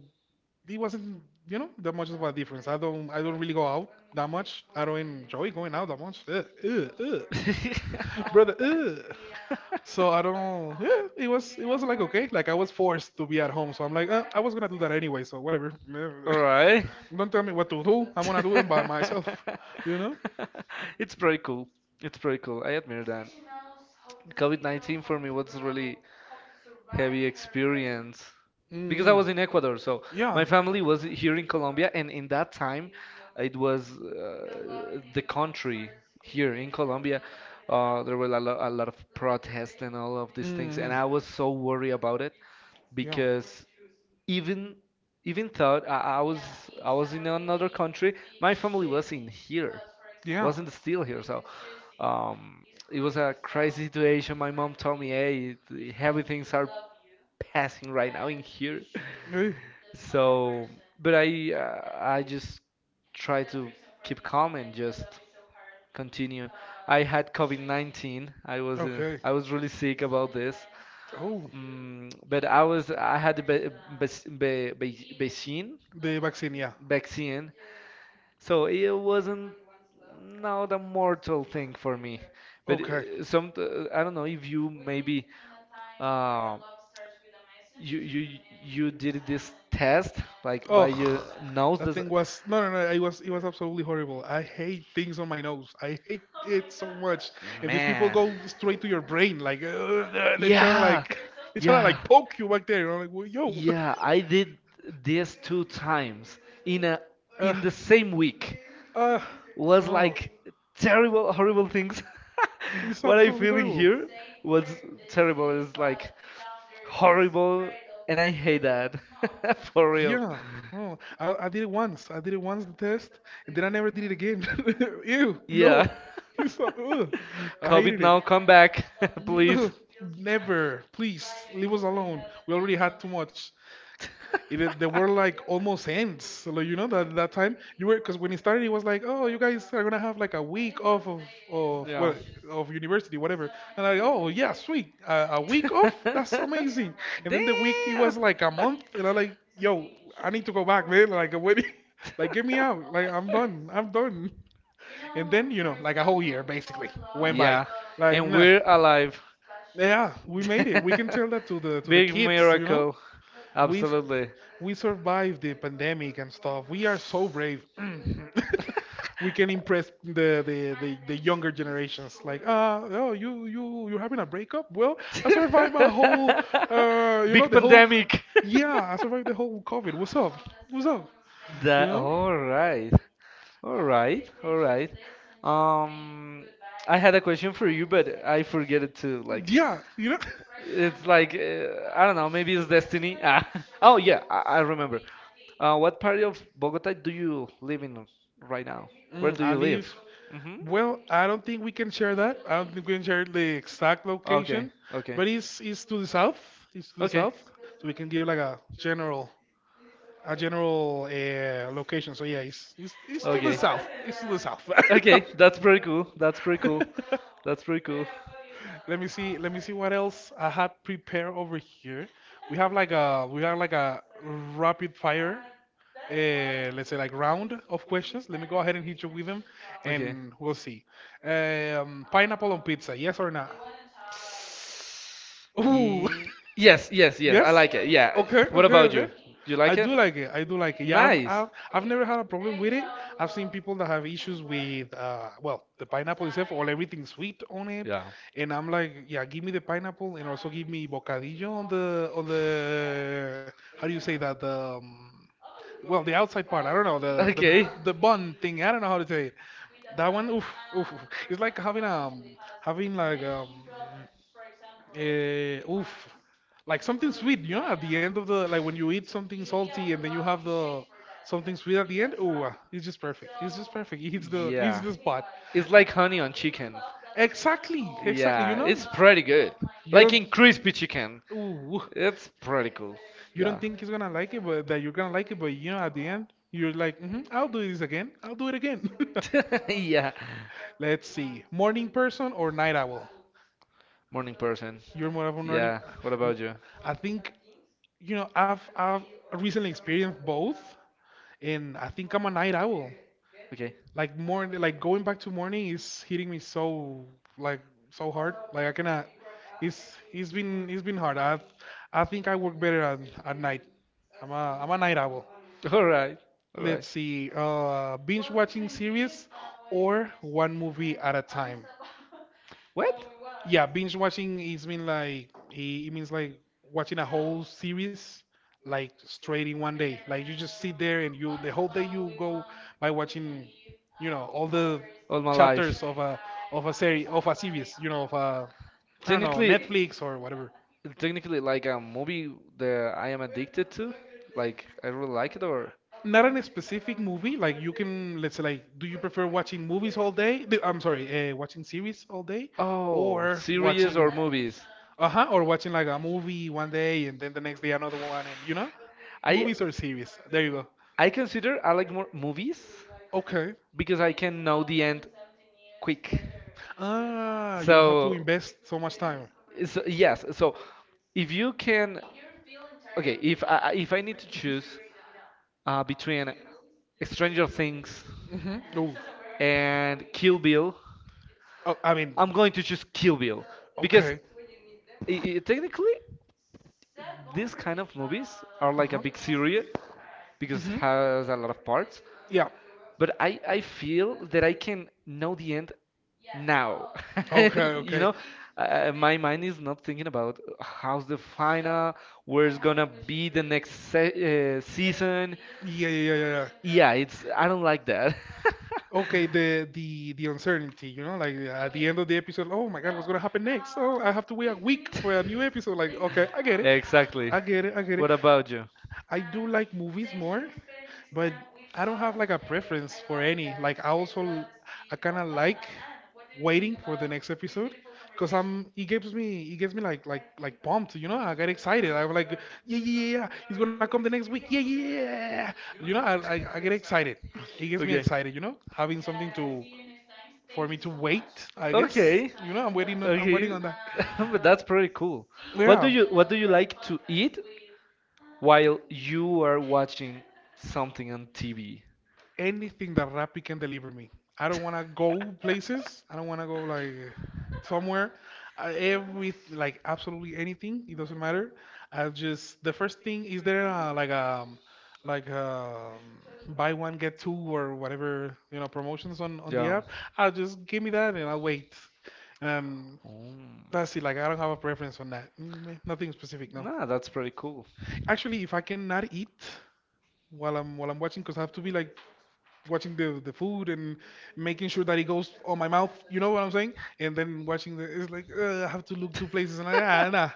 [SPEAKER 2] it wasn't you know that much of a difference. I don't really go out that much. I don't enjoy going out that much. Ugh, ugh, ugh. brother. Ugh. So I don't. Yeah, it was like okay. Like I was forced to be at home, so I'm like, I was gonna do that anyway. So whatever.
[SPEAKER 1] All right.
[SPEAKER 2] don't tell me what to do. I'm gonna do it by myself. You know?
[SPEAKER 1] It's pretty cool. It's pretty cool. I admire that. COVID-19 for me was really heavy experience because I
[SPEAKER 2] Mm-hmm.
[SPEAKER 1] was in Ecuador. So
[SPEAKER 2] Yeah.
[SPEAKER 1] my family was here in Colombia, and in that time it was the country here in Colombia. There were a, a lot of protests and all of these things, and
[SPEAKER 2] Mm-hmm.
[SPEAKER 1] I was so worried about it
[SPEAKER 2] Yeah.
[SPEAKER 1] because even even thought I was in another country. My family was in here,
[SPEAKER 2] Yeah.
[SPEAKER 1] wasn't still here. So um, it was a crazy situation. My mom told me, "Hey, everything's are passing right now in here."
[SPEAKER 2] Eh,
[SPEAKER 1] So, but I just try to keep calm and just continue. I had COVID-19.
[SPEAKER 2] okay.
[SPEAKER 1] I was really sick about this.
[SPEAKER 2] Oh,
[SPEAKER 1] Mm, but I had the be, be, be, vaccine,
[SPEAKER 2] the vaccine. Yeah.
[SPEAKER 1] vaccine, so it wasn't not a mortal thing for me. But
[SPEAKER 2] Okay.
[SPEAKER 1] some I don't know if you maybe uh, you did this test like by your
[SPEAKER 2] Oh,
[SPEAKER 1] nose.
[SPEAKER 2] that
[SPEAKER 1] Does,
[SPEAKER 2] thing was no, no, no. It was absolutely horrible. I hate things on my nose. I hate it so much. And these people
[SPEAKER 1] Man.
[SPEAKER 2] go straight to your brain, like they try to
[SPEAKER 1] Yeah.
[SPEAKER 2] like they try to like
[SPEAKER 1] Yeah.
[SPEAKER 2] poke you back there. And I'm like, well, yo,
[SPEAKER 1] Yeah, I did this two times in a
[SPEAKER 2] uh,
[SPEAKER 1] in the same week.
[SPEAKER 2] uh,
[SPEAKER 1] Was
[SPEAKER 2] wow,
[SPEAKER 1] like terrible, horrible things.
[SPEAKER 2] it's
[SPEAKER 1] What I
[SPEAKER 2] absolutely
[SPEAKER 1] feeling
[SPEAKER 2] horrible.
[SPEAKER 1] here was terrible. It's like horrible, and I hate that for real.
[SPEAKER 2] Yeah. Oh, I did it once. I did it once, the test, and then I never did it again. Ew, no.
[SPEAKER 1] Yeah.
[SPEAKER 2] It's so, ugh. I
[SPEAKER 1] COVID
[SPEAKER 2] hated it.
[SPEAKER 1] now, come back, please.
[SPEAKER 2] No, never. Please, leave us alone. We already had too much it, they were like almost ends. So, like you know that that time you were because when it started, it was like, oh, you guys are gonna have like a week off of of
[SPEAKER 1] Yeah.
[SPEAKER 2] well of university, whatever. And I, oh yeah, sweet, a week off, that's amazing. And then the week it was
[SPEAKER 1] Damn.
[SPEAKER 2] like a month, and I'm like, yo, I need to go back, man. Like what? Like get me out. Like I'm done. I'm done. And then you know, like a whole year basically went by.
[SPEAKER 1] Yeah,
[SPEAKER 2] Like
[SPEAKER 1] and
[SPEAKER 2] nah.
[SPEAKER 1] we're alive.
[SPEAKER 2] Yeah, we made it. We can tell that to the
[SPEAKER 1] Big
[SPEAKER 2] kids, you know?
[SPEAKER 1] miracle.
[SPEAKER 2] We s-
[SPEAKER 1] Absolutely.
[SPEAKER 2] we survived the pandemic and stuff. We are so brave. we can impress the younger generations. Like, ah, oh, you're having a breakup? Well, I survived a whole, you know,
[SPEAKER 1] Big
[SPEAKER 2] the whole.
[SPEAKER 1] pandemic.
[SPEAKER 2] Yeah, I survived the whole COVID. What's up? What's up? You
[SPEAKER 1] That
[SPEAKER 2] know?
[SPEAKER 1] all right, all right, all right. Um, I had a question for you, but I forget it to like
[SPEAKER 2] Yeah, you know.
[SPEAKER 1] It's like I don't know. Maybe it's destiny. Ah. Oh yeah, I remember. What part of Bogota do you live in right now? Where
[SPEAKER 2] Mm,
[SPEAKER 1] do
[SPEAKER 2] I
[SPEAKER 1] you live?
[SPEAKER 2] live.
[SPEAKER 1] Hmm
[SPEAKER 2] Well, I don't think we can share that. I don't think we can share the exact
[SPEAKER 1] Okay.
[SPEAKER 2] location,
[SPEAKER 1] Okay.
[SPEAKER 2] but it's to the south. It's to the
[SPEAKER 1] Okay.
[SPEAKER 2] south, so we can give like a general location. So yeah, it's to the
[SPEAKER 1] Okay.
[SPEAKER 2] south. It's to the south.
[SPEAKER 1] Okay. That's pretty cool. That's pretty cool. That's pretty cool.
[SPEAKER 2] Let me see. Let me see what else I had prepared over here. We have like a rapid fire, let's say like round of questions. Let me go ahead and hit you with them,
[SPEAKER 1] Okay.
[SPEAKER 2] and we'll see. Pineapple on pizza, yes or no? Ooh,
[SPEAKER 1] Yes. Yes. Yes. I
[SPEAKER 2] Yes?
[SPEAKER 1] like it. Yeah.
[SPEAKER 2] Okay,
[SPEAKER 1] What
[SPEAKER 2] okay,
[SPEAKER 1] about
[SPEAKER 2] okay.
[SPEAKER 1] you? Do you
[SPEAKER 2] I
[SPEAKER 1] like it?
[SPEAKER 2] do like it. I do like it. Yeah,
[SPEAKER 1] Nice.
[SPEAKER 2] I've never had a problem with it. I've seen people that have issues with well, the pineapple itself or everything sweet on it.
[SPEAKER 1] Yeah.
[SPEAKER 2] And I'm like, yeah, give me the pineapple and also give me bocadillo on the how do you say that? The outside part. I don't know, the the
[SPEAKER 1] Okay.
[SPEAKER 2] the bun thing. I don't know how to say it. That one, oof, oof, oof. It's like having uh, oof like something sweet, you know, at the end of the like when you eat something salty and then you have the something sweet at the end. Ooh, ah, it's just perfect. It's just perfect. It hits the hits
[SPEAKER 1] Yeah.
[SPEAKER 2] the spot.
[SPEAKER 1] It's like honey on chicken.
[SPEAKER 2] Exactly, exactly. You
[SPEAKER 1] Yeah,
[SPEAKER 2] know,
[SPEAKER 1] it's pretty good.
[SPEAKER 2] you
[SPEAKER 1] Like
[SPEAKER 2] don't
[SPEAKER 1] in crispy chicken.
[SPEAKER 2] ooh,
[SPEAKER 1] It's pretty cool.
[SPEAKER 2] you don't
[SPEAKER 1] Yeah.
[SPEAKER 2] think he's gonna like it, but that you're gonna like it, but you know, at the end, you're like, hmm, I'll do this again. I'll do it again.
[SPEAKER 1] Yeah.
[SPEAKER 2] Let's see, morning person or night owl?
[SPEAKER 1] Morning person.
[SPEAKER 2] You're more of a morning.
[SPEAKER 1] Yeah. What about you?
[SPEAKER 2] I think I've recently experienced both, and I think I'm a night owl.
[SPEAKER 1] Okay.
[SPEAKER 2] Like morning, like going back to morning is hitting me like so hard. Like I cannot. It's been hard. I think I work better at night. I'm a night owl.
[SPEAKER 1] All right. All right.
[SPEAKER 2] Let's see. Binge watching series or one movie at a time.
[SPEAKER 1] What?
[SPEAKER 2] Yeah, binge watching is mean like it means like watching a whole series like straight in one day. Like you just sit there and you the whole day you go by watching, you know, all the
[SPEAKER 1] All my life.
[SPEAKER 2] chapters of a series, you know, of a I don't know,
[SPEAKER 1] Technically,
[SPEAKER 2] Netflix or whatever.
[SPEAKER 1] technically, like a movie that I am addicted to, like I really like it, or
[SPEAKER 2] Not in a specific movie. Like you can, let's say, like, do you prefer watching movies all day? I'm sorry, watching series all day,
[SPEAKER 1] oh,
[SPEAKER 2] or
[SPEAKER 1] series
[SPEAKER 2] watching,
[SPEAKER 1] or movies.
[SPEAKER 2] uh huh, or watching like a movie one day and then the next day another one, and you know,
[SPEAKER 1] I
[SPEAKER 2] movies or series. There you go.
[SPEAKER 1] I consider I like more movies
[SPEAKER 2] Okay.
[SPEAKER 1] because I can know the end quick.
[SPEAKER 2] Ah, you don't have to
[SPEAKER 1] So,
[SPEAKER 2] invest so much time.
[SPEAKER 1] so yes, so If you can, okay, if I need to choose between Stranger Things
[SPEAKER 2] Mm-hmm. Oh,
[SPEAKER 1] and Kill Bill,
[SPEAKER 2] oh, I mean,
[SPEAKER 1] I'm going to choose Kill Bill because
[SPEAKER 2] okay.
[SPEAKER 1] I technically these kind of movies
[SPEAKER 2] Uh
[SPEAKER 1] are
[SPEAKER 2] huh.
[SPEAKER 1] like a big series because
[SPEAKER 2] Mm-hmm.
[SPEAKER 1] has a lot of parts
[SPEAKER 2] Yeah.
[SPEAKER 1] but I feel that I can know the end now.
[SPEAKER 2] Okay,
[SPEAKER 1] You
[SPEAKER 2] okay.
[SPEAKER 1] know, my mind is not thinking about how's the final, where's gonna be the next se season.
[SPEAKER 2] Yeah, yeah, yeah, yeah, yeah.
[SPEAKER 1] Yeah, it's I don't like that.
[SPEAKER 2] Okay, the uncertainty, you know, like at the end of the episode, oh my God, what's gonna happen next? Oh, I have to wait a week for a new episode. Like, okay, I get it,
[SPEAKER 1] Exactly.
[SPEAKER 2] I get it, I get it.
[SPEAKER 1] What about you?
[SPEAKER 2] I do like movies more, but I don't have like a preference for any. Like, I also I kind of like waiting for the next episode because I'm it gives me like pumped, you know. I get excited. I'm like, yeah, yeah, yeah, yeah. He's gonna come the next week. Yeah, yeah, yeah, yeah, yeah, yeah. You know, I get excited. It gets me
[SPEAKER 1] Okay.
[SPEAKER 2] excited, you know, having something to for me to wait. I guess
[SPEAKER 1] Okay.
[SPEAKER 2] I'm waiting
[SPEAKER 1] Okay.
[SPEAKER 2] on that.
[SPEAKER 1] But that's pretty cool. What
[SPEAKER 2] Yeah,
[SPEAKER 1] do what do you like to eat while you are watching something on TV?
[SPEAKER 2] anything that Rappi can deliver me. I don't want to go places. I don't want to go like somewhere. Every like absolutely anything. It doesn't matter. I just The first thing is there like um buy one get two or whatever you know promotions on the
[SPEAKER 1] Yeah.
[SPEAKER 2] app. I'll just give me that and I'll wait. And
[SPEAKER 1] Mm.
[SPEAKER 2] That's it. Like I don't have a preference on that. Mm, eh, nothing specific. No.
[SPEAKER 1] Nah, that's pretty cool.
[SPEAKER 2] Actually, if I cannot eat while I'm watching, because I have to be like watching the food and making sure that it goes on my mouth. You know what I'm saying? And then watching the it's like I have to look two places and I ah, nah.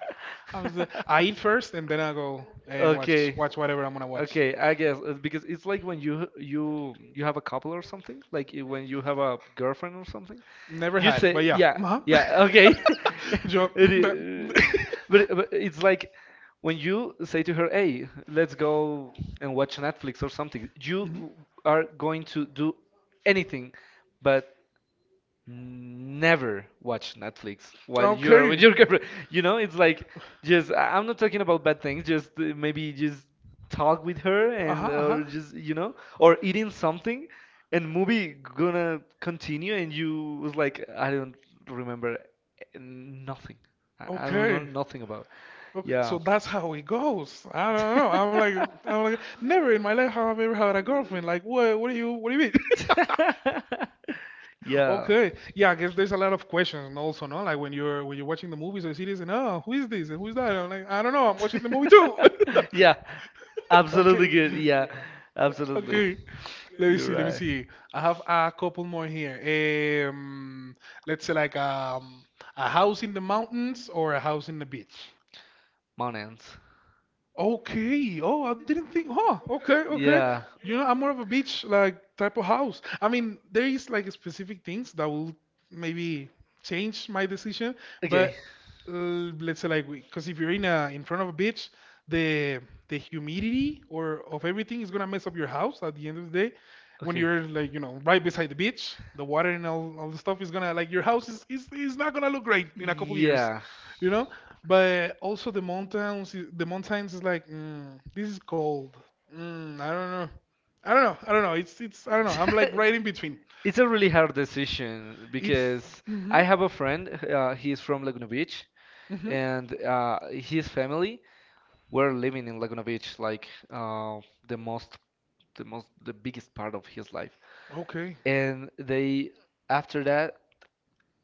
[SPEAKER 2] I'm just, I eat first and then I go and watch
[SPEAKER 1] Okay.
[SPEAKER 2] watch whatever I'm gonna watch.
[SPEAKER 1] Okay, I guess because it's like when you have a couple or something, like when you have a girlfriend or something,
[SPEAKER 2] Never
[SPEAKER 1] you
[SPEAKER 2] had,
[SPEAKER 1] say
[SPEAKER 2] but yeah.
[SPEAKER 1] yeah,
[SPEAKER 2] Uh-huh.
[SPEAKER 1] yeah, okay.
[SPEAKER 2] Job.
[SPEAKER 1] It
[SPEAKER 2] Mm, but-
[SPEAKER 1] i- but it's like when you say to her, "Hey, let's go and watch Netflix or something."
[SPEAKER 2] Mhm.
[SPEAKER 1] You are going to do anything, but never watch Netflix while you are
[SPEAKER 2] Okay.
[SPEAKER 1] with your girlfriend. You know, it's like just I'm not talking about bad things, just maybe just talk with her
[SPEAKER 2] Uh-huh,
[SPEAKER 1] and
[SPEAKER 2] uh-huh.
[SPEAKER 1] or just you know, or eating something and movie gonna continue and you was like I don't remember nothing. I don't remember
[SPEAKER 2] Okay.
[SPEAKER 1] nothing about.
[SPEAKER 2] Okay, so
[SPEAKER 1] Yeah.
[SPEAKER 2] that's how it goes. I don't know. I'm like, never in my life have I ever had a girlfriend. Like, what? What do you mean?
[SPEAKER 1] Yeah.
[SPEAKER 2] Okay. Yeah, I guess there's a lot of questions and also, no? Like when you're watching the movies or series and oh, who is this and who's that? And I'm like, I don't know, I'm watching the movie too.
[SPEAKER 1] Yeah.
[SPEAKER 2] Okay.
[SPEAKER 1] Absolutely good. Yeah, absolutely.
[SPEAKER 2] Okay. Let me see,
[SPEAKER 1] You're
[SPEAKER 2] let me
[SPEAKER 1] right.
[SPEAKER 2] see. I have a couple more here. Um, let's say a house in the mountains or a house in the beach.
[SPEAKER 1] Mountains.
[SPEAKER 2] Okay. Oh, I didn't think. Huh. Okay. Okay.
[SPEAKER 1] Yeah.
[SPEAKER 2] You know, I'm more of a beach like type of house. I mean, there is like specific things that will maybe change my decision,
[SPEAKER 1] Okay.
[SPEAKER 2] but let's say like because if you're in a in front of a beach, the the humidity or of everything is gonna mess up your house at the end of the day when
[SPEAKER 1] Okay.
[SPEAKER 2] you're like you know right beside the beach the water and all the stuff is gonna like your house is not gonna look great in a couple years
[SPEAKER 1] Yeah.
[SPEAKER 2] you know, but also the mountains the mountains is like mm, this is cold, mm, I don't know, I don't know, I don't know, it's I don't know, I'm like right in between.
[SPEAKER 1] It's a really hard decision
[SPEAKER 2] It's
[SPEAKER 1] because
[SPEAKER 2] hmm,
[SPEAKER 1] I have a friend, he's from Laguna Beach,
[SPEAKER 2] hmm,
[SPEAKER 1] and his family were living in Laguna Beach like the most, the most, the biggest part of his life.
[SPEAKER 2] okay,
[SPEAKER 1] And they, after that,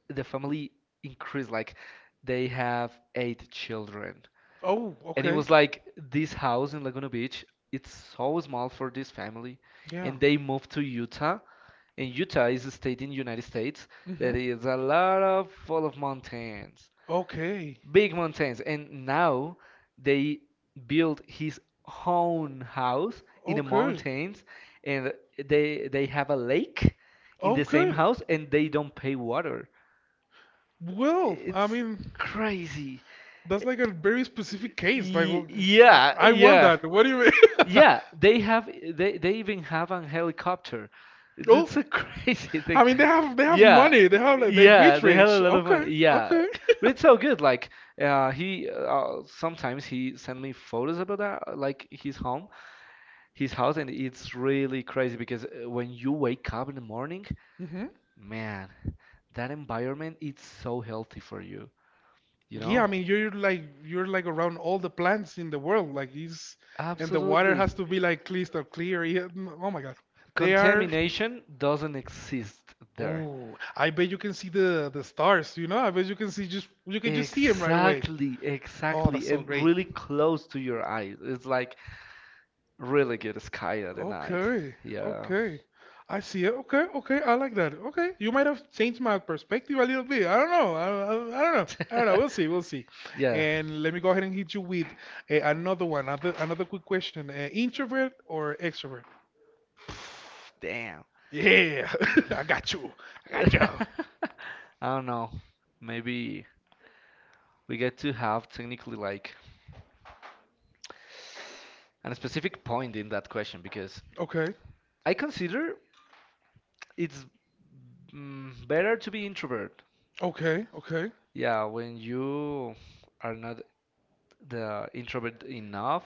[SPEAKER 1] the family increased like they have eight children
[SPEAKER 2] oh
[SPEAKER 1] and it
[SPEAKER 2] okay,
[SPEAKER 1] was like this house in Laguna Beach it's so small for this family
[SPEAKER 2] yeah,
[SPEAKER 1] and they moved to Utah, and Utah is a state in United States
[SPEAKER 2] hmm.
[SPEAKER 1] that is a lot of full of mountains,
[SPEAKER 2] Okay.
[SPEAKER 1] big mountains. And now they built his own house in the
[SPEAKER 2] Okay.
[SPEAKER 1] mountains, and they have a lake in the same
[SPEAKER 2] Okay.
[SPEAKER 1] house and they don't pay water.
[SPEAKER 2] Well, I
[SPEAKER 1] It's
[SPEAKER 2] mean,
[SPEAKER 1] crazy.
[SPEAKER 2] that's like a very specific case.
[SPEAKER 1] Yeah,
[SPEAKER 2] I want
[SPEAKER 1] yeah.
[SPEAKER 2] that. What do you mean?
[SPEAKER 1] Yeah, they even have an helicopter.
[SPEAKER 2] Oh,
[SPEAKER 1] It's a crazy thing.
[SPEAKER 2] I mean, they have
[SPEAKER 1] Yeah.
[SPEAKER 2] money. They have like they
[SPEAKER 1] Yeah,
[SPEAKER 2] rich
[SPEAKER 1] they had a
[SPEAKER 2] rich.
[SPEAKER 1] lot of
[SPEAKER 2] Okay,
[SPEAKER 1] money. Yeah.
[SPEAKER 2] okay.
[SPEAKER 1] But it's so good. Like, he sometimes he sent me photos about that, like his home, his house, and it's really crazy because when you wake up in the morning,
[SPEAKER 2] Hmm.
[SPEAKER 1] man, that environment it's so healthy for you you
[SPEAKER 2] Yeah,
[SPEAKER 1] know?
[SPEAKER 2] I mean you're like around all the plants in the world, like it's and the water
[SPEAKER 1] Absolutely.
[SPEAKER 2] has to be like crystal clear. Yeah, mm, oh my God, they are.
[SPEAKER 1] Contamination doesn't exist there.
[SPEAKER 2] Oh, I bet you can see the stars. You know, I bet you can see just you can just see them right away.
[SPEAKER 1] Exactly,
[SPEAKER 2] Oh, that's
[SPEAKER 1] exactly,
[SPEAKER 2] so
[SPEAKER 1] and
[SPEAKER 2] great.
[SPEAKER 1] really close to your eyes. It's like really good sky at the night.
[SPEAKER 2] Okay,
[SPEAKER 1] Yeah,
[SPEAKER 2] okay. I see it. Okay, okay. I like that. Okay, you might have changed my perspective a little bit. I don't know. I don't know. I don't know. We'll see. We'll see.
[SPEAKER 1] yeah.
[SPEAKER 2] And let me go ahead and hit you with another one. Another quick question. Introvert or extrovert?
[SPEAKER 1] Damn.
[SPEAKER 2] Yeah, I got you. I got you.
[SPEAKER 1] I don't know. Maybe we get to have technically like a specific point in that question because
[SPEAKER 2] Okay,
[SPEAKER 1] I consider it's Mm, better to be introvert.
[SPEAKER 2] okay, okay.
[SPEAKER 1] Yeah, when you are not the introvert enough,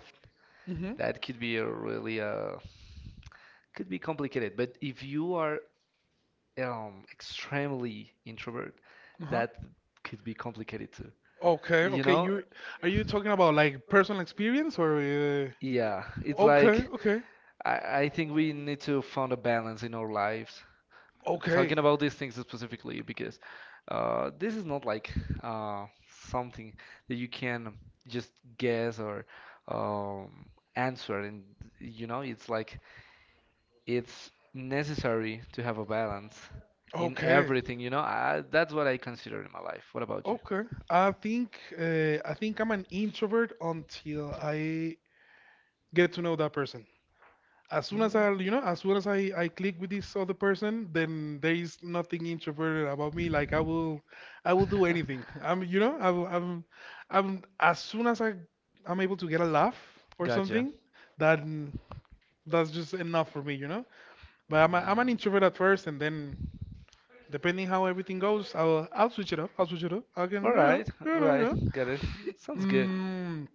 [SPEAKER 2] Mhm.
[SPEAKER 1] that could be a really could be complicated. But if you are extremely introvert,
[SPEAKER 2] Uh-huh.
[SPEAKER 1] that could be complicated too.
[SPEAKER 2] Okay,
[SPEAKER 1] You
[SPEAKER 2] okay.
[SPEAKER 1] know?
[SPEAKER 2] You Are you talking about like personal experience or?
[SPEAKER 1] Yeah, it's
[SPEAKER 2] Okay,
[SPEAKER 1] like
[SPEAKER 2] okay.
[SPEAKER 1] I think we need to find a balance in our lives
[SPEAKER 2] Okay.
[SPEAKER 1] talking about these things specifically because this is not like something that you can just guess or um, answer and you know it's like it's necessary to have a balance in
[SPEAKER 2] Okay.
[SPEAKER 1] everything you know I, that's what I consider in my life what about you.
[SPEAKER 2] Okay. I think I'm an introvert until I get to know that person. As soon
[SPEAKER 1] Mm.
[SPEAKER 2] as I, you know, as soon as I click with this other person, then there is nothing introverted about me. I will do anything. I'm, you know, I'm As soon as I, I'm able to get a laugh or
[SPEAKER 1] Gotcha.
[SPEAKER 2] something, that that's just enough for me, you know. But I'm an introvert at first, and then depending how everything goes, I'll switch it up. I'll switch it up. I can
[SPEAKER 1] All
[SPEAKER 2] yeah
[SPEAKER 1] right,
[SPEAKER 2] yeah
[SPEAKER 1] all
[SPEAKER 2] no,
[SPEAKER 1] right,
[SPEAKER 2] yeah.
[SPEAKER 1] got it. Sounds good.
[SPEAKER 2] Mm,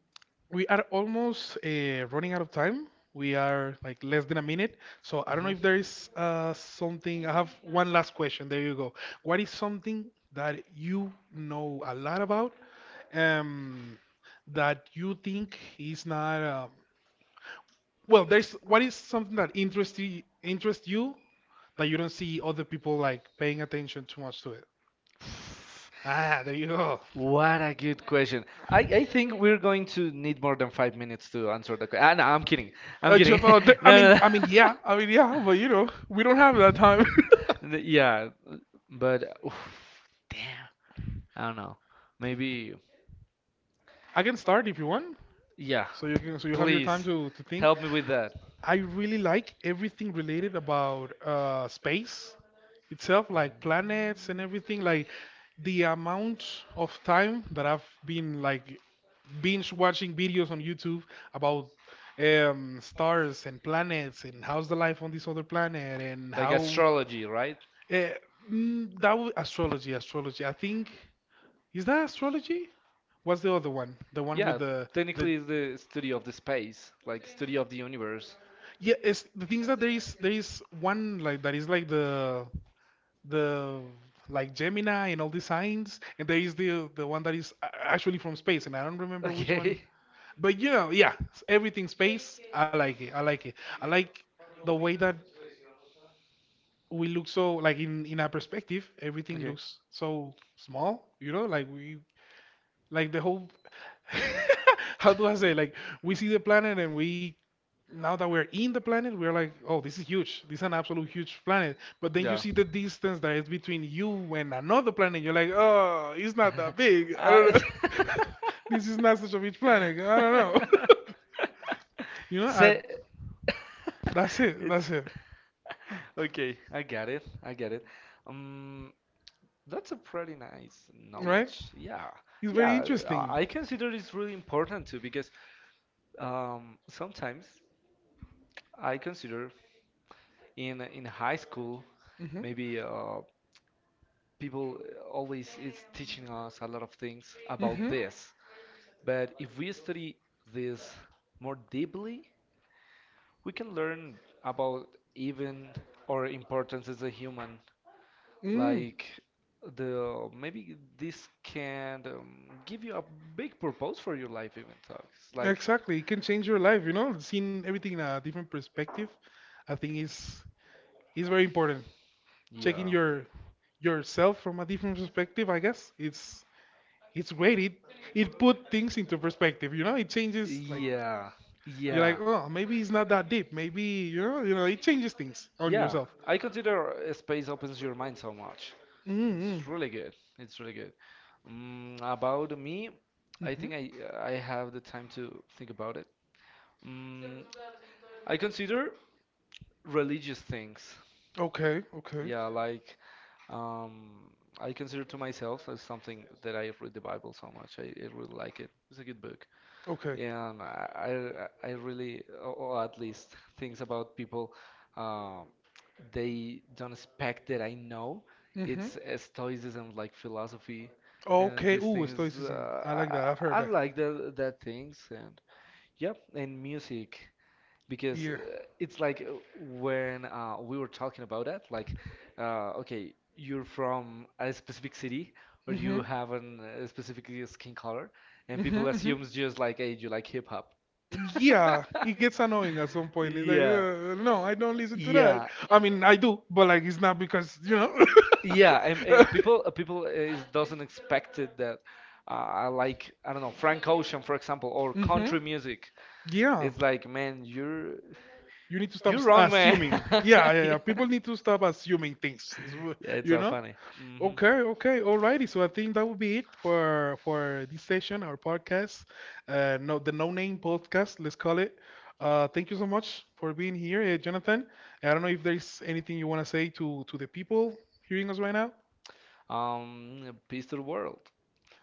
[SPEAKER 2] we are almost running out of time. We are like less than a minute. So I don't know
[SPEAKER 1] Mhm.
[SPEAKER 2] if there is something. I have one last question. There you go. What is something that you know a lot about um, that you think is not well? There's what is something that interests you that you don't see other people like paying attention too much to. Ah, there you go.
[SPEAKER 1] What a good question. I think we're going to need more than 5 minutes to answer the question. Ah, no, I'm kidding. I'm kidding. No, no.
[SPEAKER 2] I mean, yeah, but you know, we don't have that time.
[SPEAKER 1] No. Yeah, but oof, damn. I don't know. Maybe,
[SPEAKER 2] I can start if you want.
[SPEAKER 1] yeah.
[SPEAKER 2] So you can, so you have your time
[SPEAKER 1] Please
[SPEAKER 2] to think.
[SPEAKER 1] help me with that.
[SPEAKER 2] I really like everything related about space itself, like planets and everything. Like the amount of time that I've been like binge watching videos on YouTube about stars and planets and how's the life on this other planet and
[SPEAKER 1] Like
[SPEAKER 2] how
[SPEAKER 1] astrology, right?
[SPEAKER 2] uh, that would astrology, astrology. I think is that astrology? What's the other one? The one with
[SPEAKER 1] Yeah,
[SPEAKER 2] the
[SPEAKER 1] technically it's the study of the space, like study of the universe.
[SPEAKER 2] Yeah, it's the things that there is one like that is like the like Gemini and all the signs, and there is the one that is actually from space, and I don't remember which
[SPEAKER 1] Okay.
[SPEAKER 2] one. But you know, yeah, everything space. I like it. I like it. I like the way that we look so like in our perspective, everything
[SPEAKER 1] Okay.
[SPEAKER 2] looks so small. You know, like we like the whole how do I say? Like we see the planet and we now that we're in the planet, we're like, oh, this is huge. This is an absolute huge planet. But then you
[SPEAKER 1] Yeah.
[SPEAKER 2] see the distance that is between you and another planet. You're like, oh, it's not that big. I don't
[SPEAKER 1] Uh,
[SPEAKER 2] know. This is not such a huge planet. I don't know. you know, I,
[SPEAKER 1] Say
[SPEAKER 2] that's it.
[SPEAKER 1] it's
[SPEAKER 2] That's it.
[SPEAKER 1] okay. I got it. I get it. Um, That's a pretty nice
[SPEAKER 2] Right?
[SPEAKER 1] knowledge. Yeah.
[SPEAKER 2] It's very
[SPEAKER 1] Yeah,
[SPEAKER 2] interesting.
[SPEAKER 1] I consider it's really important too because sometimes I consider in high school
[SPEAKER 2] Hmm.
[SPEAKER 1] maybe people always is teaching us a lot of things about
[SPEAKER 2] Mm-hmm.
[SPEAKER 1] this. But if we study this more deeply, we can learn about even our importance as a human.
[SPEAKER 2] Mm.
[SPEAKER 1] Like the maybe this can give you a big purpose for your life even talks. Like
[SPEAKER 2] Exactly. It can change your life, you know, seeing everything in a different perspective. I think is very important. Checking
[SPEAKER 1] yeah.
[SPEAKER 2] your yourself from a different perspective, I guess. It's great. It put things into perspective, you know? It changes like
[SPEAKER 1] Yeah.
[SPEAKER 2] you're like,
[SPEAKER 1] Yeah.
[SPEAKER 2] oh, maybe it's not that deep. Maybe you know, it changes things on
[SPEAKER 1] Yeah.
[SPEAKER 2] yourself.
[SPEAKER 1] I consider space opens your mind so much.
[SPEAKER 2] Mm-hmm.
[SPEAKER 1] It's really good. It's really good. Mm, about me, I
[SPEAKER 2] Hmm.
[SPEAKER 1] think I I have the time to think about it. Mm, I consider religious things.
[SPEAKER 2] Okay, okay,
[SPEAKER 1] Yeah, like um, I consider to myself as something that I read the Bible so much. I really like it. It's a good book.
[SPEAKER 2] okay.
[SPEAKER 1] And I really, or at least things about people, um, they don't expect that I know.
[SPEAKER 2] Hmm.
[SPEAKER 1] It's Stoicism, like philosophy, and
[SPEAKER 2] Okay.
[SPEAKER 1] these
[SPEAKER 2] Ooh,
[SPEAKER 1] things.
[SPEAKER 2] stoicism. I like
[SPEAKER 1] I,
[SPEAKER 2] that. I've
[SPEAKER 1] I
[SPEAKER 2] heard
[SPEAKER 1] I
[SPEAKER 2] that.
[SPEAKER 1] like the, that things, and yep, and music because
[SPEAKER 2] Yeah.
[SPEAKER 1] it's like when we were talking about that, like, okay, you're from a specific city or
[SPEAKER 2] Mm-hmm.
[SPEAKER 1] you have an, a specific skin color, and people
[SPEAKER 2] Mm-hmm. Hmm.
[SPEAKER 1] assumes just like, hey, you like hip hop.
[SPEAKER 2] Yeah, it gets annoying at some point. It's like,
[SPEAKER 1] Yeah.
[SPEAKER 2] no, I don't listen to that.
[SPEAKER 1] Yeah,
[SPEAKER 2] I mean, I do, but like, it's not because you know.
[SPEAKER 1] yeah, and, people is, doesn't expect it that like I don't know Frank Ocean for example or
[SPEAKER 2] Hmm.
[SPEAKER 1] country music.
[SPEAKER 2] Yeah.
[SPEAKER 1] It's
[SPEAKER 2] It's like,
[SPEAKER 1] like
[SPEAKER 2] man,
[SPEAKER 1] man,
[SPEAKER 2] you're- you need to stop
[SPEAKER 1] you're
[SPEAKER 2] you're wrong way.
[SPEAKER 1] wrong, man.
[SPEAKER 2] Assuming. Yeah, yeah,
[SPEAKER 1] Yeah,
[SPEAKER 2] yeah. People need to stop assuming things.
[SPEAKER 1] yeah, it's
[SPEAKER 2] You
[SPEAKER 1] so
[SPEAKER 2] know?
[SPEAKER 1] funny. Hmm
[SPEAKER 2] Okay, okay, alrighty. So I think that would be it for this session, our podcast, no, the No Name podcast, let's call it. Thank you so much for being here, Jonathan. I don't know if there's anything you want to say to the people hearing us right now.
[SPEAKER 1] Peace to the world.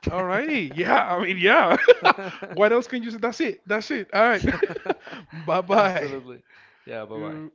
[SPEAKER 2] Alrighty. Yeah, I mean, yeah. What else can you say? That's it. That's it. All right. Bye bye.
[SPEAKER 1] Absolutely. Yeah, bye bye.
[SPEAKER 2] You.